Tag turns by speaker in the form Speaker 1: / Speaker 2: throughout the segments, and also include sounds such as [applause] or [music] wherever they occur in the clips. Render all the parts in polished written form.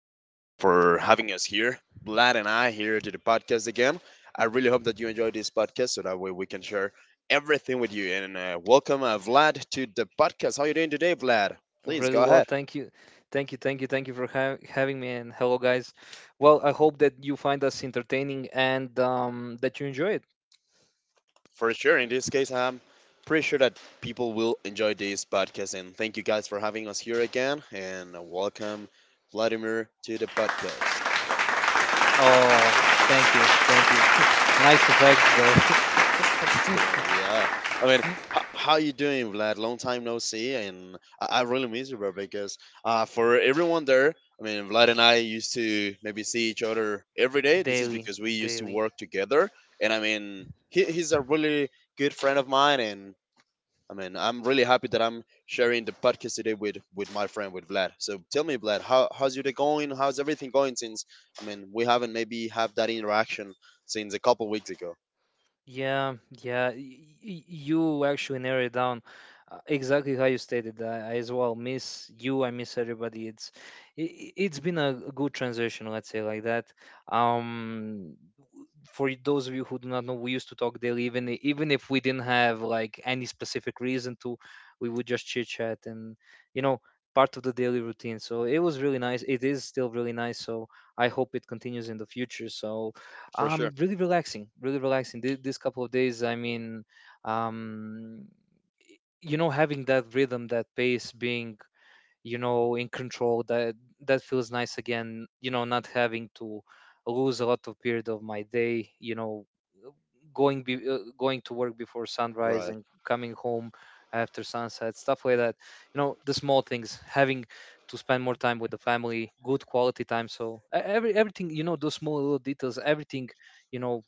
Speaker 1: back and for having us here. Vlad and I here to the podcast again. I really hope that you enjoy this podcast so that way we can share everything with you. And welcome, Vlad, to the podcast. How you doing today, Vlad? Please
Speaker 2: Really
Speaker 1: go
Speaker 2: well.
Speaker 1: ahead.
Speaker 2: Thank you. Thank you. Thank you for ha having me. And hello, guys. Well, I hope that you find us entertaining and that you enjoy it.
Speaker 1: For sure. In this case, I'm pretty sure that people will enjoy this podcast. And thank you guys for having us here again. And welcome, Vladimir, to the podcast.
Speaker 2: Oh, thank you. [laughs] Nice effects, though.
Speaker 1: Shalom, yeah. I mean, how you doing, Vlad? Long time no see, and I really miss you, bro. Because for everyone there, I mean, Vlad and I used to maybe see each other every
Speaker 2: [laughs]
Speaker 1: day. This is
Speaker 2: Daily.
Speaker 1: because we used to
Speaker 2: Daily.
Speaker 1: work together, and I mean, he's a really good friend of mine, and I mean, I'm really happy that I'm sharing the podcast today with my friend with Vlad. So tell me, Vlad, how's your day going? How's everything going since I mean we haven't maybe have that interaction since a couple weeks ago?
Speaker 2: Yeah. Yeah. You actually narrowed it down exactly how you stated. I as well miss you. I miss everybody. It's been a good transition, let's say like that. Um, for those of you who do not know, we used to talk daily, even even if we didn't have like any specific reason to, we would just chit chat and you know part of the daily routine. So it was really nice. It is still really nice. So I hope it continues in the future. So
Speaker 1: For sure.
Speaker 2: really relaxing, really relaxing. This couple of days, I mean, um, you know, having that rhythm, that pace, being you know in control, that feels nice again. You know, not having to lose a lot of period of my day you know going to work before sunrise and coming home after sunset, stuff like that, you know, the small things, having to spend more time with the family, good quality time. So everything, you know, those small little details, everything you know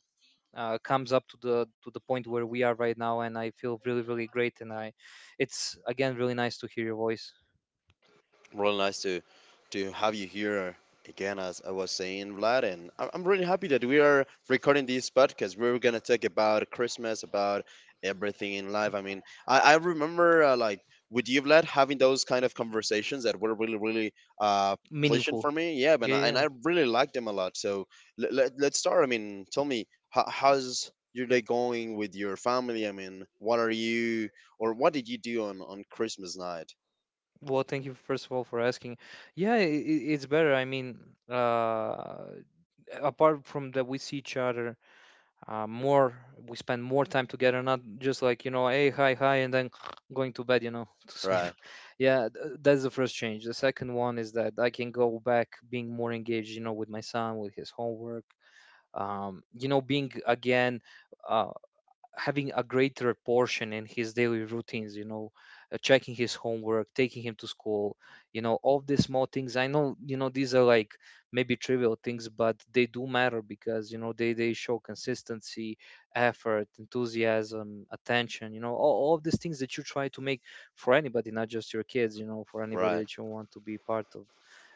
Speaker 2: comes up to the point where we are right now, and I feel really really great. And I it's again really nice to hear your voice.
Speaker 1: Really nice to have you here again, as I was saying, Vlad. And I'm really happy that we are recording this podcast. We're gonna talk about Christmas, about everything in life. I mean, I remember like with you, Vlad, having those kind of conversations that were really, really uh, pleasant
Speaker 2: Meaningful.
Speaker 1: for me. Yeah, but
Speaker 2: Yeah,
Speaker 1: and
Speaker 2: yeah.
Speaker 1: I really liked them a lot. So let's start. I mean, tell me how's your day going with your family? I mean, what are you or what did you do on Christmas night?
Speaker 2: Well, thank you first of all for asking. Yeah, it's better. I mean, uh apart from that, we see each other more. We spend more time together, not just like you know hey, hi, hi, and then [sniffs] going to bed, you know, to sleep.
Speaker 1: Right,
Speaker 2: [laughs] Yeah, that's the first change. The second one is that I can go back being more engaged, you know, with my son, with his homework. You know, being again uh, having a greater portion in his daily routines, you know, checking his homework, taking him to school, you know, all these small things. I know, you know, these are like maybe trivial things, but they do matter because you know they show consistency, effort, enthusiasm, attention, you know, all of these things that you try to make for anybody, not just your kids, you know, for anybody
Speaker 1: right,
Speaker 2: that you want to be part of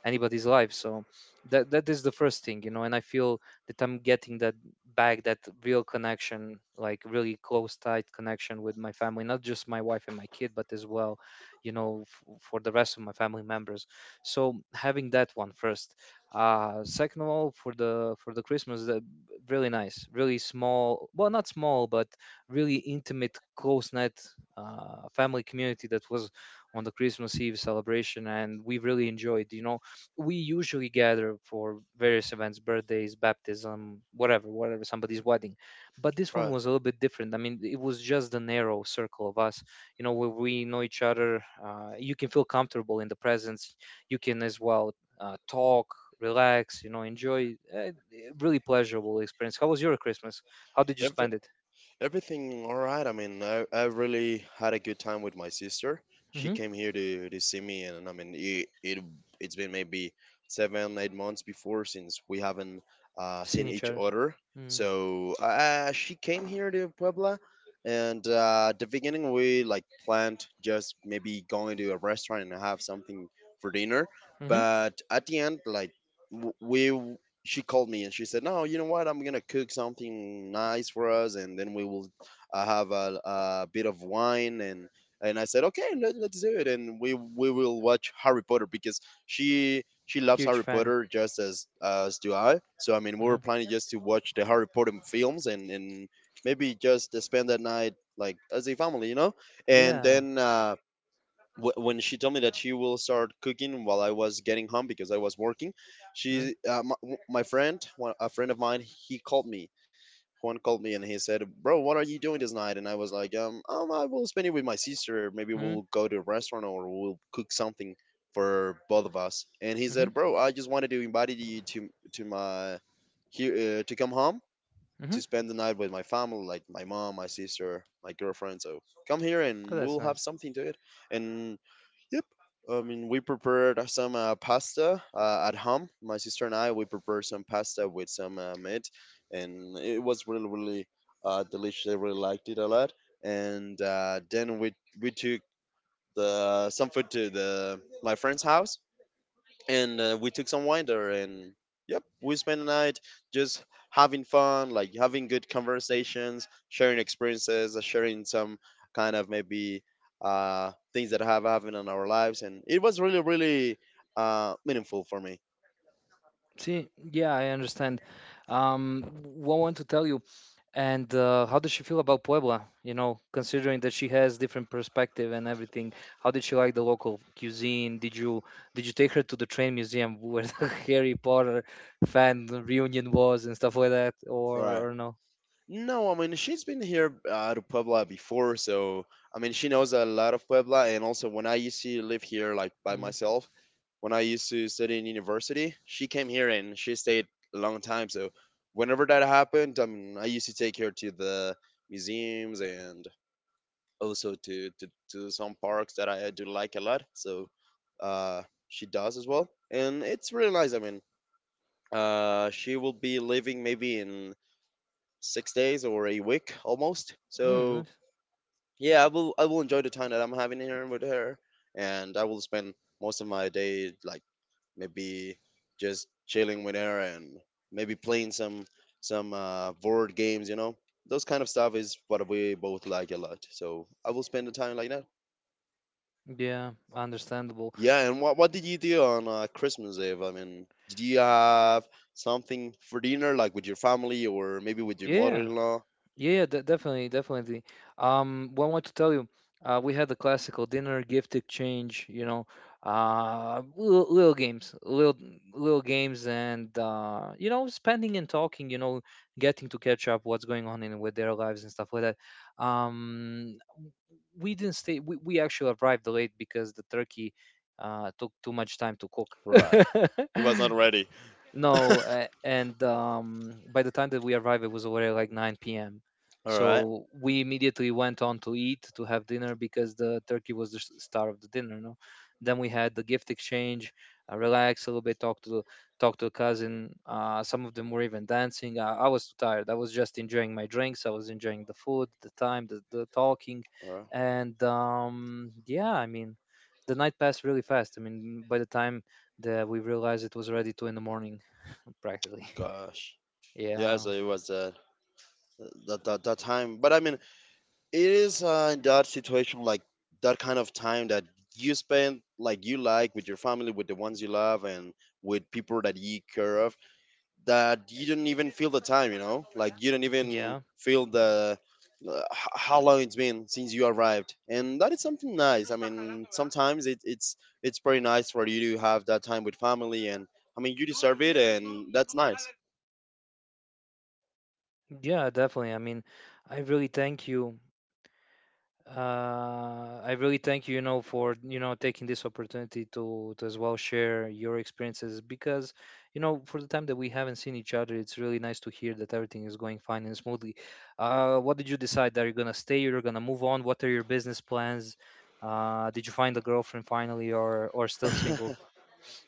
Speaker 2: anybody's life. So that is the first thing, you know, and I feel that I'm getting that back, that real connection, like really close, tight connection with my family, not just my wife and my kid, but as well you know for the rest of my family members. So having that one first. Second of all, for the Christmas, the, really nice, really small, well, not small, but really intimate, close knit family community that was on the Christmas Eve celebration. And we really enjoyed, you know, we usually gather for various events, birthdays, baptism, whatever, whatever, somebody's wedding. But this one
Speaker 1: right.
Speaker 2: was a little bit different. I mean, it was just a narrow circle of us, you know, where we know each other. You can feel comfortable in the presence. You can as well talk, relax, you know, enjoy. Really pleasurable experience. How was your Christmas? How did you
Speaker 1: Every,
Speaker 2: spend it?
Speaker 1: everything all right. I mean, I really had a good time with my sister. She
Speaker 2: Mm-hmm.
Speaker 1: came here to see me, and I mean, it's been maybe 7 or 8 months before since we haven't
Speaker 2: Seeing
Speaker 1: seen
Speaker 2: each
Speaker 1: each
Speaker 2: other.
Speaker 1: other. So she came here to Puebla, and at the beginning we like planned just maybe going to a restaurant and have something for dinner.
Speaker 2: Mm-hmm.
Speaker 1: But at the end, like w- we she called me and she said, "No, you know what? I'm gonna cook something nice for us, and then we will have a bit of wine." And I said, "Okay, let's do it." And we will watch Harry Potter because she loves
Speaker 2: Huge
Speaker 1: Harry
Speaker 2: fan.
Speaker 1: Potter just as do I. So I mean, we
Speaker 2: Uh-huh.
Speaker 1: were planning just to watch the Harry Potter films and maybe just spend that night like as a family, you know. And
Speaker 2: Yeah.
Speaker 1: then when she told me that she will start cooking while I was getting home because I was working,
Speaker 2: Mm-hmm.
Speaker 1: she, my friend, a friend of mine, he called me. Juan called me and he said, "Bro, what are you doing this night?" And I was like, " I will spend it with my sister. Maybe
Speaker 2: Mm-hmm.
Speaker 1: we'll go to a restaurant or we'll cook something for both of us." And he said, "Bro, I just wanted to invite you to my here to come home." To
Speaker 2: Mm-hmm.
Speaker 1: spend the night with my family, like my mom, my sister, my girlfriend. So come here
Speaker 2: Oh,
Speaker 1: and
Speaker 2: that's
Speaker 1: we'll have
Speaker 2: nice.
Speaker 1: something to eat. And yep. I mean, we prepared some pasta at home. My sister and I, we prepared some pasta with some meat, and it was really, really delicious. I really liked it a lot. And then we took the some food to the my friend's house, and we took some wine there and yep we spent the night just having fun, like having good conversations, sharing experiences, sharing some kind of maybe things that have happened in our lives. And it was really, really meaningful for me.
Speaker 2: See, yeah, I understand. What I want to tell you, and how does she feel about Puebla? You know, considering that she has different perspective and everything, how did she like the local cuisine? Did you take her to the train museum where the [laughs] Harry Potter fan reunion was and stuff like that,
Speaker 1: Right.
Speaker 2: or no?
Speaker 1: No, I mean she's been here to Puebla before, so I mean she knows a lot of Puebla. And also, when I used to live here like by
Speaker 2: Mm,
Speaker 1: myself, when I used to study in university, she came here and she stayed a long time. So whenever that happened, I mean I used to take her to the museums and also to some parks that I do like a lot. So she does as well, and it's really nice. I mean, she will be living maybe in 6 days or a week almost.
Speaker 2: mm,
Speaker 1: So
Speaker 2: nice.
Speaker 1: yeah, I will enjoy the time that I'm having here with her, and I will spend most of my day like maybe just chilling with her and maybe playing some board games. You know, those kind of stuff is what we both like a lot. So I will spend the time like that.
Speaker 2: Yeah, understandable.
Speaker 1: Yeah, and what did you do on Christmas Eve? I mean, did you have something for dinner, like with your family or maybe with your
Speaker 2: Yeah, yeah.
Speaker 1: mother-in-law?
Speaker 2: Yeah, yeah, definitely, definitely. What I want to tell you, we had the classical dinner, gift exchange, you know, little, little games, little games, and you know, spending and talking, you know, getting to catch up what's going on in with their lives and stuff like that. Um, we didn't stay. We actually arrived late because the turkey took too much time to cook.
Speaker 1: Right, it was not
Speaker 2: [laughs]
Speaker 1: ready.
Speaker 2: No, and by the time that we arrived, it was already like 9 p.m.
Speaker 1: All right.
Speaker 2: So we immediately went on to eat to have dinner because the turkey was the star of the dinner. No, then we had the gift exchange, relax a little bit, talk to talk to a cousin. Some of them were even dancing. I was too tired. I was just enjoying my drinks. I was enjoying the food, the time, the talking,
Speaker 1: Oh
Speaker 2: and yeah, I mean, the night passed really fast. I mean, by the time that we realized, it was already two in the morning practically. [laughs]
Speaker 1: gosh.
Speaker 2: Yeah,
Speaker 1: Yes, it was that time. But I mean, it is in that situation, like that kind of time that you spend like you like with your family, with the ones you love, and with people that you care of. That you don't even feel the time, you know. Like you don't even
Speaker 2: yeah,
Speaker 1: feel the how long it's been since you arrived, and that is something nice. I mean, sometimes it's pretty nice for you to have that time with family, and I mean, you deserve it, and that's nice.
Speaker 2: yeah, definitely. I mean, I really thank you. I really thank you, you know, for you know taking this opportunity to as well share your experiences because, you know, for the time that we haven't seen each other, it's really nice to hear that everything is going fine and smoothly. What did you decide? Are you gonna stay? You're gonna move on? What are your business plans? Did you find a girlfriend finally, or still single?
Speaker 1: [laughs]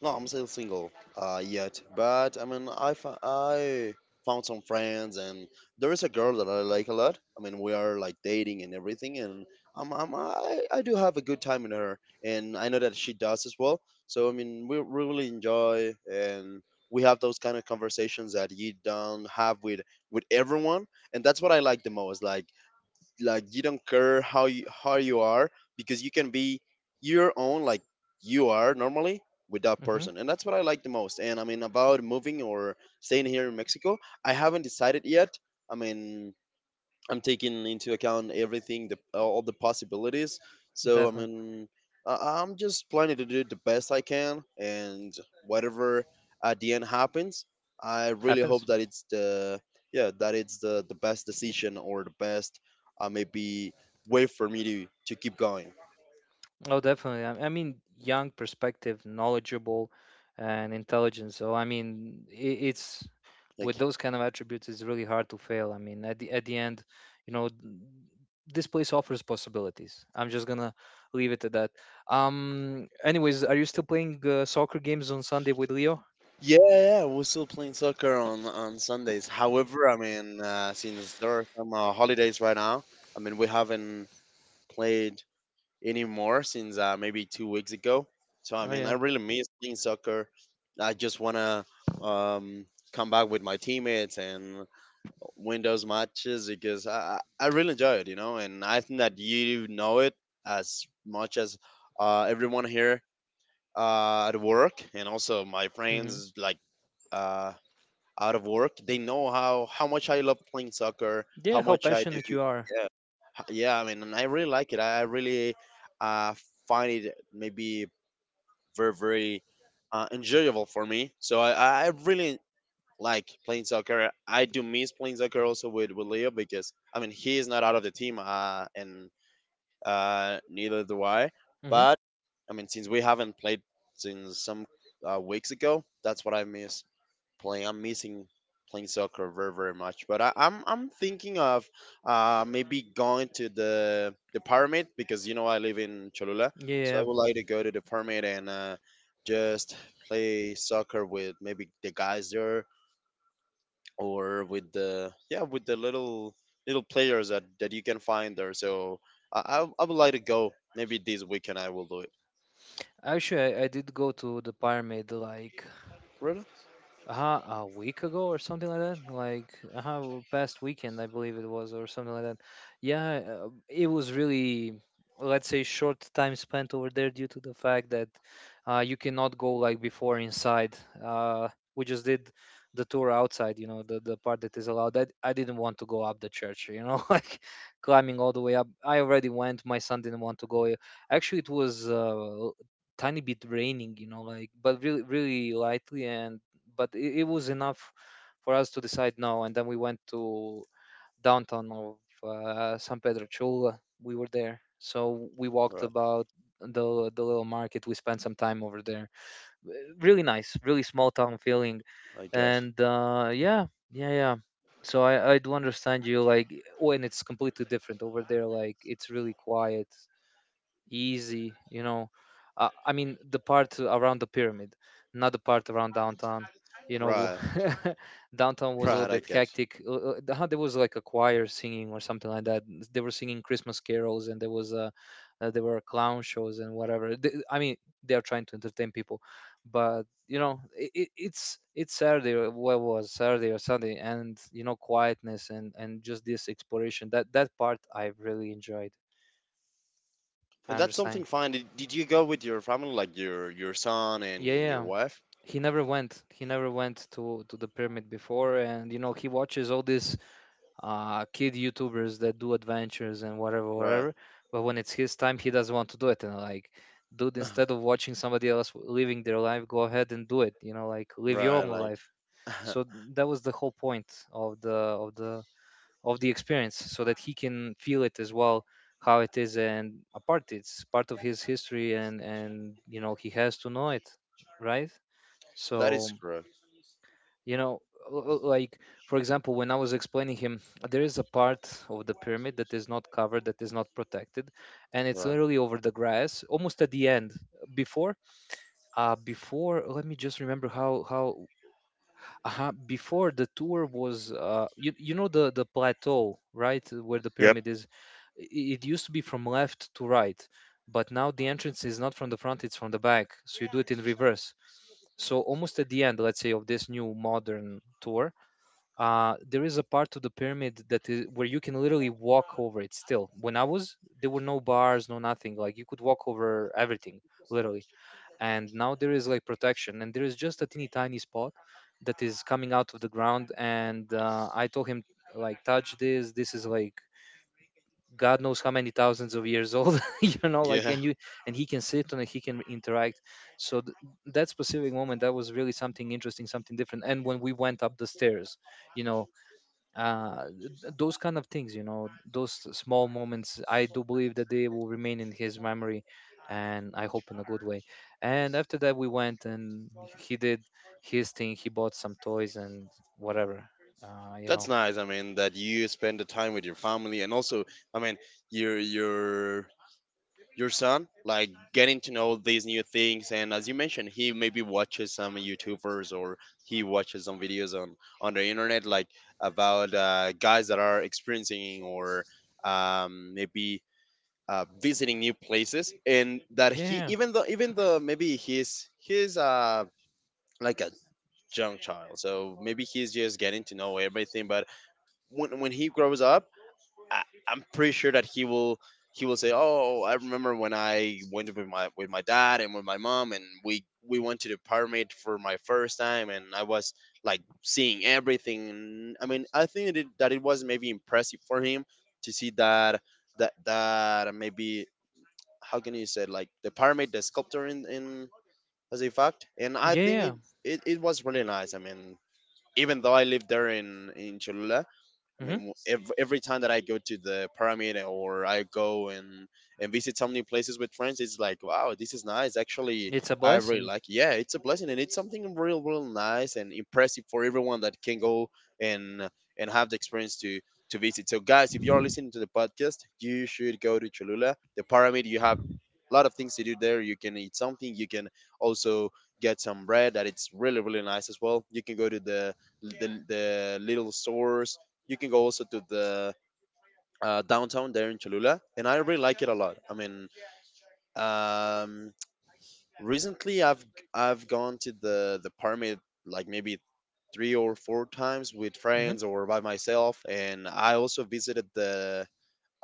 Speaker 1: No, I'm still single yet, but I mean, I found some friends, and there is a girl that I like a lot. I mean, we are like dating and everything, and I do have a good time in her, and I know that she does as well. So, I mean, we really enjoy, and we have those kind of conversations that you don't have with everyone, and that's what I like the most. Like you don't care how you are because you can be your own, like you are normally with that
Speaker 2: Mm-hmm,
Speaker 1: person. And that's what I like the most. And I mean, about moving or staying here in Mexico, I haven't decided yet. I mean, I'm taking into account everything, all the possibilities. So I
Speaker 2: definitely
Speaker 1: mean, I'm just planning to do the best I can, and whatever at the end happens, I really
Speaker 2: happens.
Speaker 1: hope that it's the yeah, that it's the best decision or the best maybe way for me to keep going.
Speaker 2: Oh, definitely. I mean, young, perspective, knowledgeable, and intelligent. So, I mean, it's with
Speaker 1: Thank you.
Speaker 2: those kind of attributes, it's really hard to fail. I mean, at the end, you know, this place offers possibilities. I'm just gonna leave it at that. Anyways, are you still playing soccer games on Sunday with Leo?
Speaker 1: Yeah, yeah, we're still playing soccer on Sundays. However, I mean, since there are some holidays right now, I mean, we haven't played anymore since maybe 2 weeks ago. So I
Speaker 2: Oh
Speaker 1: mean, I
Speaker 2: yeah.
Speaker 1: really miss playing soccer. I just wanna um, come back with my teammates and win those matches because I really enjoy it, you know. And I think that you know it as much as everyone here at work and also my
Speaker 2: Mm-hmm.
Speaker 1: friends like uh, out of work. They know how much I love playing soccer, how
Speaker 2: Yeah. How
Speaker 1: much I do.
Speaker 2: passionate you are.
Speaker 1: Yeah, yeah. I mean, and I really like it. I really uh, find it maybe very enjoyable for me. So, I really like playing soccer. I do miss playing soccer also with Leo because I mean he is not out of the team, and neither do I.
Speaker 2: Mm-hmm.
Speaker 1: But I mean, since we haven't played since some weeks ago, that's what I miss playing. I'm missing playing soccer very very much. But, I'm thinking of maybe going to the pyramid because you know I live in Cholula,
Speaker 2: Yeah.
Speaker 1: so I
Speaker 2: Yeah.
Speaker 1: would like to go to the pyramid and just play soccer with maybe the guys there or with the yeah with the little players that that you can find there. So I would like to go. Maybe this weekend I will do it.
Speaker 2: Actually, I did go to the Pyramid like
Speaker 1: Really?
Speaker 2: uh-huh a week ago or something like that, like uh-huh past weekend I believe it was, or something like that. Yeah, it was really, let's say, short time spent over there due to the fact that you cannot go like before inside. uh, we just did the tour outside, you know, the part that is allowed. That I didn't want to go up the church, you know, [laughs] like climbing all the way up. I already went. My son didn't want to go. Actually, it was tiny bit raining, you know, like, but really really lightly. And but it was enough for us to decide no. And then we went to downtown of San Pedro Chula. We were there, so we walked
Speaker 1: Right.
Speaker 2: about the little market. We spent some time over there. Really nice, really small town feeling,
Speaker 1: I get.
Speaker 2: and yeah, yeah, yeah. So I do understand you like. Oh, and it's completely different over there, like it's really quiet, easy, you know. I mean, the part around the pyramid, not the part around downtown. You know,
Speaker 1: Right.
Speaker 2: [laughs] downtown was a little
Speaker 1: Right. I
Speaker 2: bit
Speaker 1: get.
Speaker 2: hectic. There was like a choir singing or something like that. They were singing Christmas carols, and there was a, there were clown shows and whatever. I mean, they are trying to entertain people, but you know, I it, it's Saturday. Or what was Saturday or Sunday? And you know, quietness and just this exploration. That part I really enjoyed. I
Speaker 1: And that's something
Speaker 2: understand.
Speaker 1: fine. Did you go with your family, like your son and
Speaker 2: Yeah, yeah.
Speaker 1: your
Speaker 2: Yeah.
Speaker 1: wife?
Speaker 2: He never went to the pyramid before, and you know, he watches all these kid youtubers that do adventures and whatever
Speaker 1: Right,
Speaker 2: whatever. But when it's his time, he doesn't want to do it. And like, dude, instead of
Speaker 1: [laughs]
Speaker 2: watching somebody else living their life, go ahead and do it. You know, like, live your
Speaker 1: right.
Speaker 2: own
Speaker 1: Like
Speaker 2: life.
Speaker 1: [laughs]
Speaker 2: So that was the whole point of the of the experience, so that he can feel it as well, how it is. And apart, it's part of his history, and you know, he has to know it, right?
Speaker 1: that is
Speaker 2: So
Speaker 1: correct.
Speaker 2: you know, like, for example, when I was explaining him, there is a part of the pyramid that is not covered, that is not protected, and it's
Speaker 1: Right.
Speaker 2: literally over the grass almost at the end. Before before, let me just remember how before the tour was, you know the plateau, right, where the
Speaker 1: Yep.
Speaker 2: pyramid is. i- it used to be from left to right, but now the entrance is not from the front, it's from the back, so you do it in reverse. So almost at the end, let's say, of this new modern tour, there is a part to the pyramid that is where you can literally walk over it still. When I was, there were no bars, no nothing. Like, you could walk over everything, literally. And now there is like protection, and there is just a teeny tiny spot that is coming out of the ground. And I told him, like, touch this. This is like God knows how many thousands of years old, [laughs] you know, like,
Speaker 1: Yeah,
Speaker 2: and you, and he can sit on it, he can interact. So that specific moment, that was really something interesting, something different. And when we went up the stairs, you know, uh th- those kind of things, you know, those small moments, I do believe that they will remain in his memory, and I hope in a good way. And after that, we went and he did his thing. He bought some toys and whatever. You
Speaker 1: that's
Speaker 2: know.
Speaker 1: nice. I mean, that you spend the time with your family, and also, I mean, your your son like getting to know these new things, and as you mentioned, he maybe watches some youtubers, or he watches some videos on the internet, like about guys that are experiencing, or maybe visiting new places. And that
Speaker 2: Yeah,
Speaker 1: he, even though maybe he's like a young child, so maybe he's just getting to know everything. But when he grows up, I'm pretty sure that he will say, "Oh, I remember when I went with my dad and with my mom, and we went to the pyramid for my first time, and I was like seeing everything." And, I mean, I think that it was maybe impressive for him to see that that maybe, how can you say it, like the pyramid, the sculpture in as a fact. And I think it
Speaker 2: yeah.
Speaker 1: it, it was really nice. I mean. Even though I lived there in Cholula, I mean,
Speaker 2: Hmm.
Speaker 1: every time that I go to the pyramid or I go and visit so many places with friends, it's like, wow, this is nice. Actually,
Speaker 2: It's a
Speaker 1: I really
Speaker 2: blessing.
Speaker 1: like. It. Yeah, it's a blessing, and it's something real, real nice and impressive for everyone that can go and have the experience to visit. So, guys, if you're listening to the podcast, you should go to Cholula, the pyramid. You have a lot of things to do there. You can eat something. You can also get some bread that it's really, really nice as well. You can go to the little stores. You can go also to the downtown there in Cholula, and I really like it a lot. I mean, um, recently I've gone to the pyramid like maybe three or four times with
Speaker 2: Hmm.
Speaker 1: friends or by myself, and I also visited the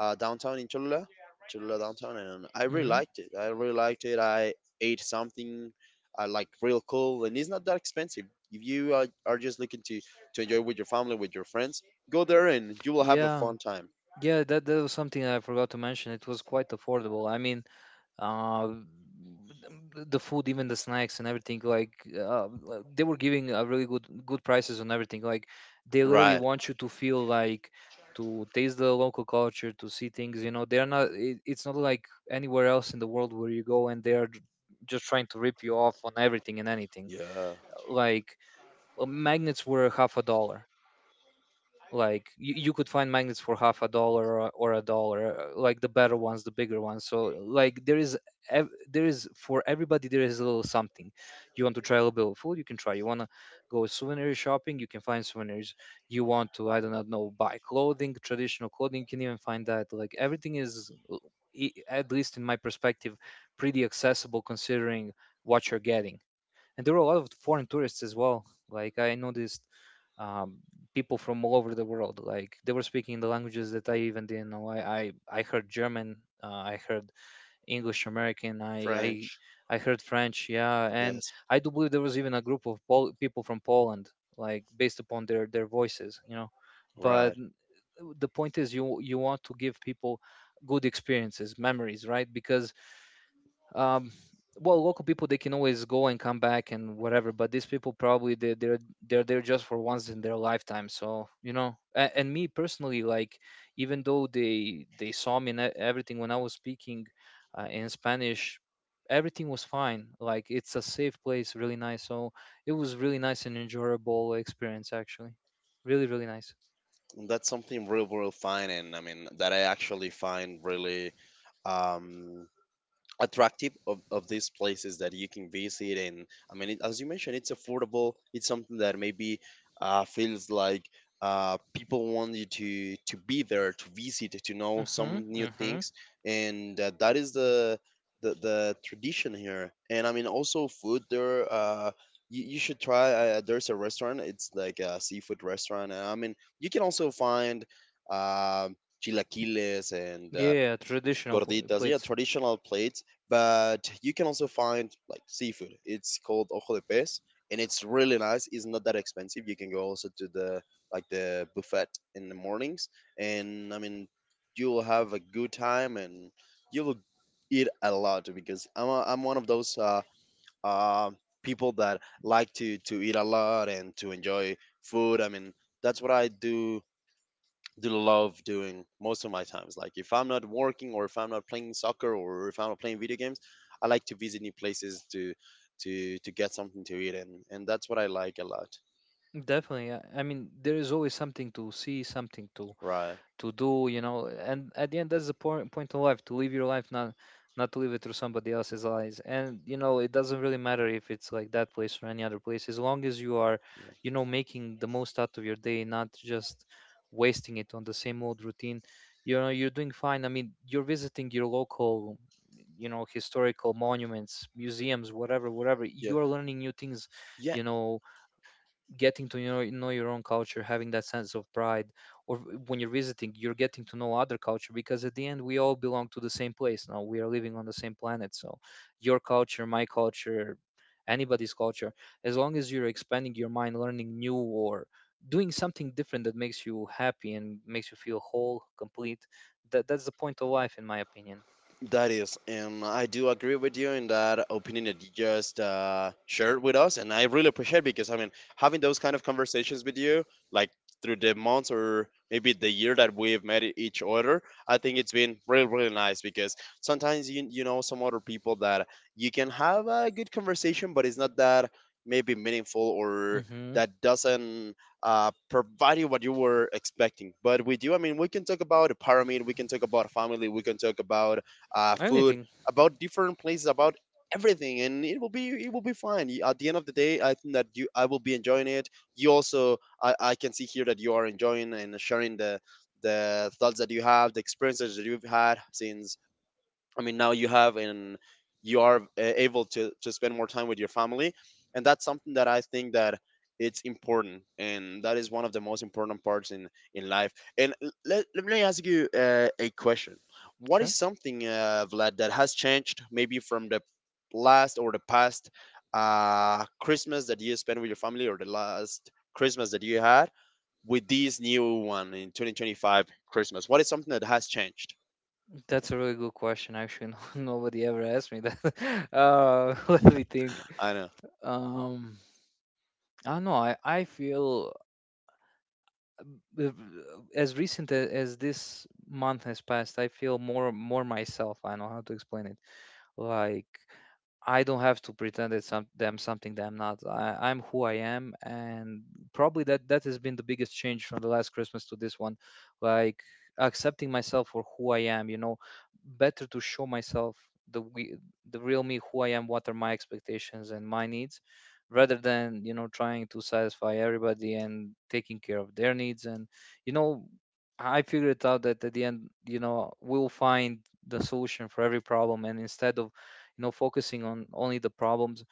Speaker 1: downtown in Cholula, Cholula downtown, and I really
Speaker 2: Hmm.
Speaker 1: liked it. I really liked it. I ate something like real cool, and it's not that expensive. If you are just looking to enjoy with your family, with your friends, go there and you will have a
Speaker 2: Yeah,
Speaker 1: fun time.
Speaker 2: yeah. That was something I forgot to mention. It was quite affordable. I mean, uh, the food, even the snacks and everything. Like, they were giving a really good prices on everything. Like, they literally
Speaker 1: Right.
Speaker 2: want you to feel like, to taste the local culture, to see things. You know, they're not, it's not like anywhere else in the world where you go and they're just trying to rip you off on everything and anything.
Speaker 1: Yeah.
Speaker 2: Like, magnets were half a dollar. Like, you could find magnets for half a dollar, or a dollar, like, the better ones, the bigger ones. So, like, there is there is for everybody, there is a little something. You want to try a little bit of food, you can try. You want to go souvenir shopping, you can find souvenirs. You want to, I do not know, buy clothing, traditional clothing, you can even find that. Like, everything is at least in my perspective, pretty accessible considering what you're getting. And there were a lot of foreign tourists as well. Like, I noticed, um, people from all over the world. Like, they were speaking the languages that I even didn't know. I heard German. I heard English, American. I, I
Speaker 1: French.
Speaker 2: I heard French. Yeah. And
Speaker 1: Yes.
Speaker 2: I do believe there was even a group of people from Poland, like based upon their voices, you know. But
Speaker 1: Right.
Speaker 2: the point is, you want to give people good experiences, memories, right? Because, um well, local people, they can always go and come back and whatever. But these people, probably, they're there just for once in their lifetime. So you know, and me personally, like, even though they saw me and everything, when I was speaking in Spanish, everything was fine. Like, it's a safe place, really nice. So it was really nice and enjoyable experience, actually. Really, really nice.
Speaker 1: And that's something real, real fine, and I mean that I actually find really um, attractive of these places that you can visit. And I mean it, as you mentioned, it's affordable. It's something that maybe feels like people want you to be there, to visit, to know
Speaker 2: Mm-hmm.
Speaker 1: some new
Speaker 2: Mm-hmm.
Speaker 1: things. And that is the tradition here. And I mean, also food there, you should try, there's a restaurant, it's like a seafood restaurant. And I mean, you can also find um chilaquiles and
Speaker 2: Yeah, traditional
Speaker 1: gorditas, yeah,
Speaker 2: plates.
Speaker 1: traditional plates, but you can also find like seafood. It's called ojo de pez, and it's really nice. It's not that expensive. You can go also to the like the buffet in the mornings, and I mean, you'll have a good time, and you'll eat a lot because I'm one of those uh, people that like to eat a lot and to enjoy food. I mean, that's what I do love doing most of my times. Like if I'm not working, or if I'm not playing soccer, or if I'm not playing video games, I like to visit new places to to get something to eat, and that's what I like a lot.
Speaker 2: Definitely. I mean, there is always something to see, something to
Speaker 1: Right.
Speaker 2: to do, you know. And at the end, that's the point of life. To live your life, not to live it through somebody else's eyes. And you know, it doesn't really matter if it's like that place or any other place, as long as you are, you know, making the most out of your day, not just wasting it on the same old routine. You know, you're doing fine. I mean, you're visiting your local, you know, historical monuments, museums, whatever whatever.
Speaker 1: Yeah.
Speaker 2: You're learning new things.
Speaker 1: Yeah.
Speaker 2: You know, getting to know your own culture, having that sense of pride. Or when you're visiting, you're getting to know other culture. Because at the end, we all belong to the same place. Now we are living on the same planet, so your culture, my culture, anybody's culture, as long as you're expanding your mind, learning new, or doing something different that makes you happy and makes you feel whole, complete. That's the point of life, in my opinion.
Speaker 1: That is, and I do agree with you in that opinion that you just shared with us, and I really appreciate, because I mean, having those kind of conversations with you, like through the months or maybe the year that we've met each other, I think it's been really really nice, because sometimes you you know some other people that you can have a good conversation, but it's not that maybe meaningful, or
Speaker 2: Hmm.
Speaker 1: that doesn't provide you what you were expecting. But with you, I mean, we can talk about a pyramid, we can talk about family, we can talk about food,
Speaker 2: Anything.
Speaker 1: about different places, about everything, and it will be fine. At the end of the day, I think that you I will be enjoying it. You also, I can see here that you are enjoying and sharing the thoughts that you have, the experiences that you've had since, I mean, now you have, and you are able to spend more time with your family. And that's something that I think that it's important, and that is one of the most important parts in life. And let me ask you a question: what is
Speaker 2: Sure.
Speaker 1: something, Vlad, that has changed maybe from the last or the past Christmas that you spent with your family, or the last Christmas that you had? With this new one in 2025 Christmas, what is something that has changed?
Speaker 2: That's a really good question, actually. [laughs] No, nobody ever asked me that. [laughs] [laughs] Let me think.
Speaker 1: I know.
Speaker 2: Um, I don't know. I feel uh, as recent as this month has passed, I feel more myself. I don't know how to explain it. Like, I don't have to pretend it's something that I'm not. I'm who I am, and probably that has been the biggest change from the last Christmas to this one. Like, accepting myself for who I am. You know, better to show myself the we, the real me. Who I am, what are my expectations and my needs, rather than, you know, trying to satisfy everybody and taking care of their needs. And you know, I figured out that at the end, you know, we'll find the solution for every problem, and instead of, you know, focusing on only the problems,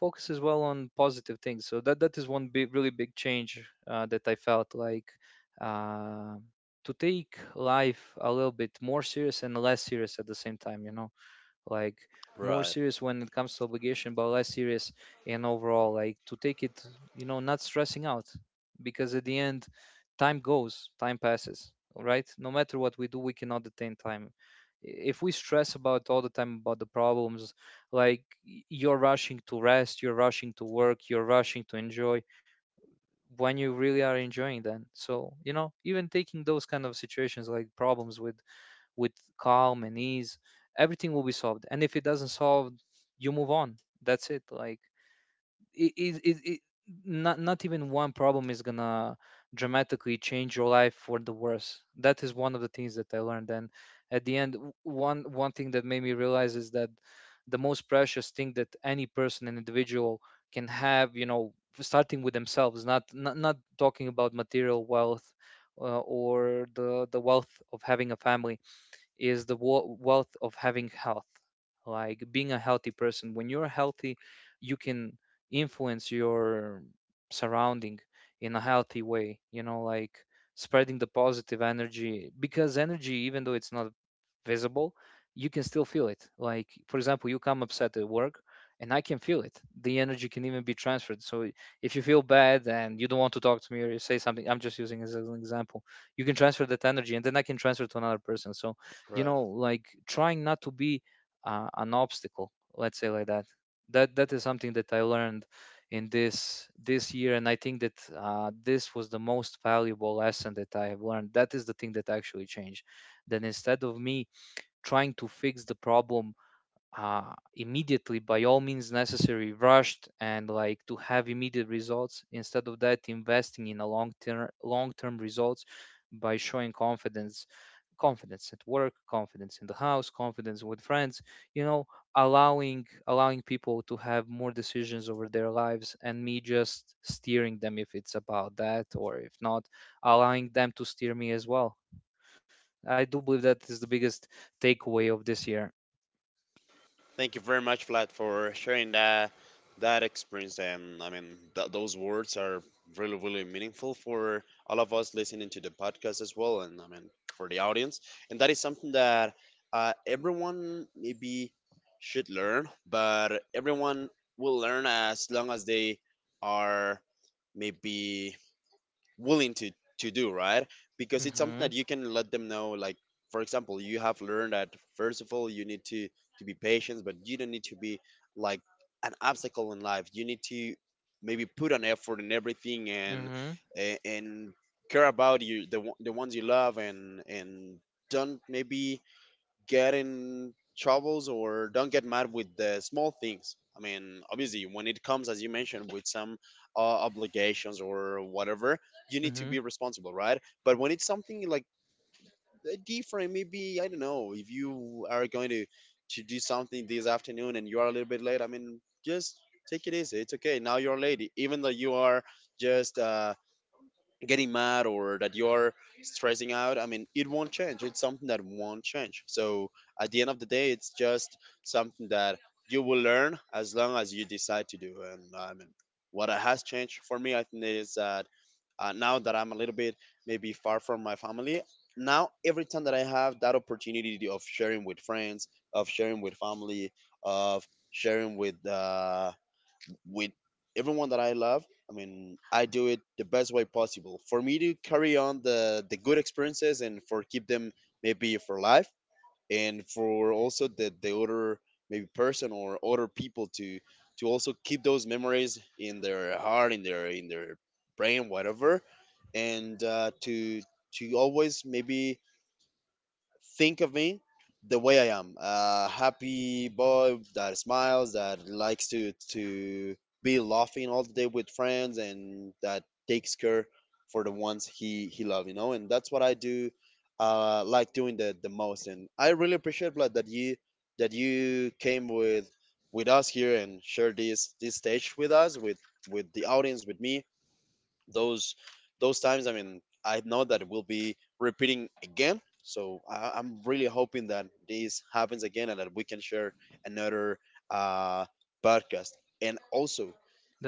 Speaker 2: focus as well on positive things. So that is one big, really big change. That I felt like, uh, to take life a little bit more serious and less serious at the same time. You know, like, more
Speaker 1: Right.
Speaker 2: serious when it comes to obligation, but less serious. And overall, like, to take it, you know, not stressing out. Because at the end, time goes, time passes, right? No matter what we do, we cannot detain time. If we stress about all the time about the problems, like, you're rushing to rest, you're rushing to work, you're rushing to enjoy, when you really are enjoying them. So, you know, even taking those kind of situations, like problems, with with calm and ease, everything will be solved. And if it doesn't solve, you move on. That's it. Like, it not even one problem is gonna dramatically change your life for the worse. That is one of the things that I learned. And at the end, one thing that made me realize is that the most precious thing that any person, an individual, can have, you know, starting with themselves, not talking about material wealth, or the wealth of having a family, is the wealth of having health. Like, being a healthy person. When you're healthy, you can influence your surrounding in a healthy way. You know, like, spreading the positive energy. Because energy, even though it's not visible, you can still feel it. Like, for example, you come upset at work, and I can feel it. The energy can even be transferred. So if you feel bad and you don't want to talk to me, or you say something, I'm just using as an example, you can transfer that energy, and then I can transfer to another person. So, you know, like, trying not to be an obstacle, let's say. Like that, that is something that I learned in this year. And I think that this was the most valuable lesson that I have learned. That is the thing that actually changed. Then, instead of me trying to fix the problem immediately by all means necessary, rushed, and like, to have immediate results, instead of that, investing in a long term results, by showing confidence. Confidence at work, confidence in the house, confidence with friends. You know, allowing people to have more decisions over their lives, and me just steering them if it's about that. Or if not, allowing them to steer me as well. I do believe that is the biggest takeaway of this year.
Speaker 1: Thank you very much, Vlad, for sharing that experience. And I mean, those words are really, really meaningful for all of us listening to the podcast as well, and I mean for the audience. And that is something that everyone maybe should learn, but everyone will learn as long as they are maybe willing to do right, because it's something that you
Speaker 2: Mhm.
Speaker 1: can let them know. Like, for example, you have learned that first of all, you need to be patient, but you don't need to be like an obstacle in life. You need to maybe put an effort in everything, and
Speaker 2: Mhm.
Speaker 1: and care about you, the ones you love, and don't maybe get in troubles, or don't get mad with the small things. I mean, obviously, when it comes, as you mentioned, with some obligations or whatever, you need to be
Speaker 2: Mm-hmm,
Speaker 1: responsible, right? But when it's something like different, maybe I don't know, if you are going to do something this afternoon, and you are a little bit late, I mean, just take it easy. It's okay. Now you're late, even though you are just getting mad, or that you're stressing out, I mean, it won't change. It's something that won't change. So at the end of the day, it's just something that you will learn as long as you decide to do. And I mean, what has changed for me, I think is that, now that I'm a little bit maybe far from my family, now every time that I have that opportunity of sharing with friends, of sharing with family, of sharing with with everyone that I love, I mean, I do it the best way possible for me to carry on the good experiences, and for keep them maybe for life, and for also the other maybe person, or other people to also keep those memories in their heart, in their brain, whatever. And to always maybe think of me the way I am. A happy boy that smiles, that likes to be laughing all the day with friends, and that takes care for the ones he loves. You know, and that's what I do. Like doing the most. And I really appreciate, Vlad, that you came with us here, and shared this this stage with us, with the audience, with me, those those times. I mean, I know that it will be repeating again. So I'm really hoping that this happens again, and that we can share another uh, podcast. And also,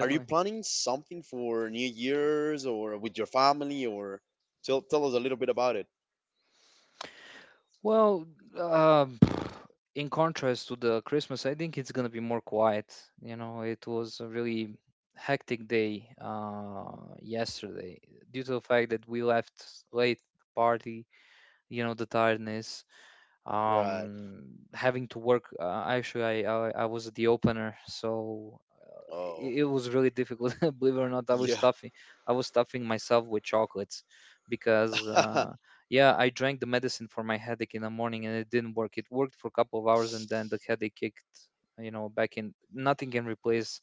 Speaker 1: are you planning something for New Year's, or with your family? Or tell us a little bit about it.
Speaker 2: Well, um, [sighs] in contrast to the Christmas, I think it's gonna be more quiet. You know, it was a really hectic day, yesterday, due to the fact that we left late the party. You know, the tiredness,
Speaker 1: Right.
Speaker 2: um, having to work. Actually, I was the opener, so
Speaker 1: Oh,
Speaker 2: it was really difficult. [laughs] Believe it or not,
Speaker 1: yeah.
Speaker 2: I was stuffing myself with chocolates because,
Speaker 1: [laughs] that
Speaker 2: yeah, I drank the medicine for my headache in the morning, and it didn't work. It worked for a couple of hours, and then the headache kicked, you know, back in. Nothing can replace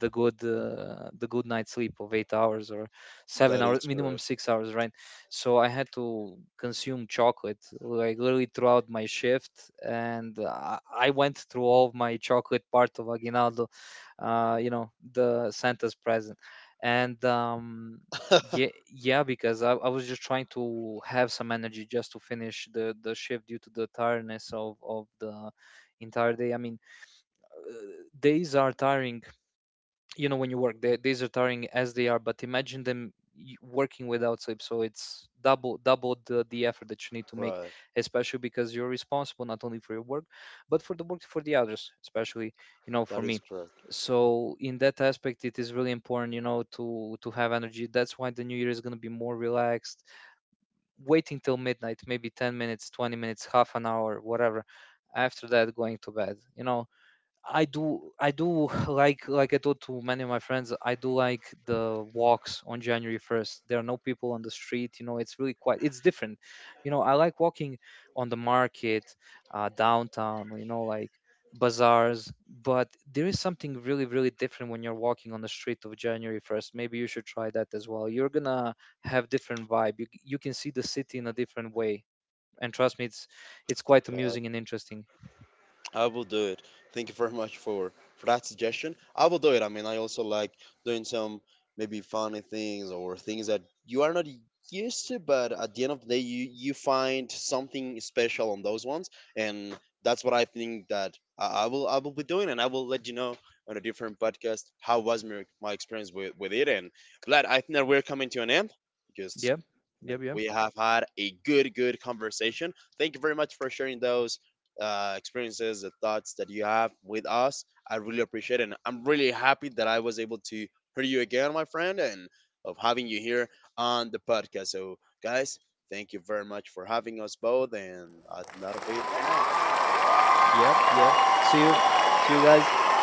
Speaker 2: the the good night's sleep of 8 hours or seven
Speaker 1: is
Speaker 2: hours, minimum
Speaker 1: correct.
Speaker 2: 6 hours, right? So I had to consume chocolate, like, literally throughout my shift. And I went through all of my chocolate part of aguinaldo, you know, the Santa's present. And yeah,
Speaker 1: [laughs]
Speaker 2: yeah, because I was just trying to have some energy just to finish the shift, due to the tiredness of the entire day. I mean, uh, days are tiring, you know. When you work, these are tiring as they are, but imagine them working without sleep. So it's double the effort that you need to make,
Speaker 1: right.
Speaker 2: especially because you're responsible not only for your work, but for the work for the others, especially, you know, for
Speaker 1: That is
Speaker 2: me.
Speaker 1: correct.
Speaker 2: So in that aspect, it is really important, you know, to have energy. That's why the new year is going to be more relaxed. Waiting till midnight, maybe 10 minutes, 20 minutes, half an hour, whatever. After that, going to bed, you know. I do [laughs] like, I told to many of my friends, I do like the walks on January 1st. There are no people on the street. You know, it's really quite, it's different. You know, I like walking on the market, downtown, you know, like bazaars. But there is something really, really different when you're walking on the street of January 1st. Maybe you should try that as well. You're gonna have different vibe. You can see the city in a different way. And trust me, it's quite amusing and interesting.
Speaker 1: I will do it. Thank you very much for that suggestion. I will do it. I mean, I also like doing some maybe funny things, or things that you are not used to, but at the end of the day, you find something special on those ones, and that's what I think that I will be doing, and I will let you know on a different podcast how was my, my experience with it. And, glad I think that we're coming to an end because.
Speaker 2: Yep.
Speaker 1: I mean,
Speaker 2: Yep, yep.
Speaker 1: we have had a good, good conversation. Thank you very much for sharing those experiences, the thoughts that you have with us. I really appreciate it. And I'm really happy that I was able to hear you again, my friend, and of having you here on the podcast. So, guys, thank you very much for having us both. And that'll be it for now.
Speaker 2: Yep, yep. See you. See you guys.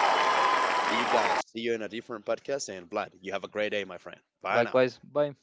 Speaker 1: See you guys. See you in a different podcast. And Vlad, you have a great day, my friend. Bye now.
Speaker 2: Likewise. Bye.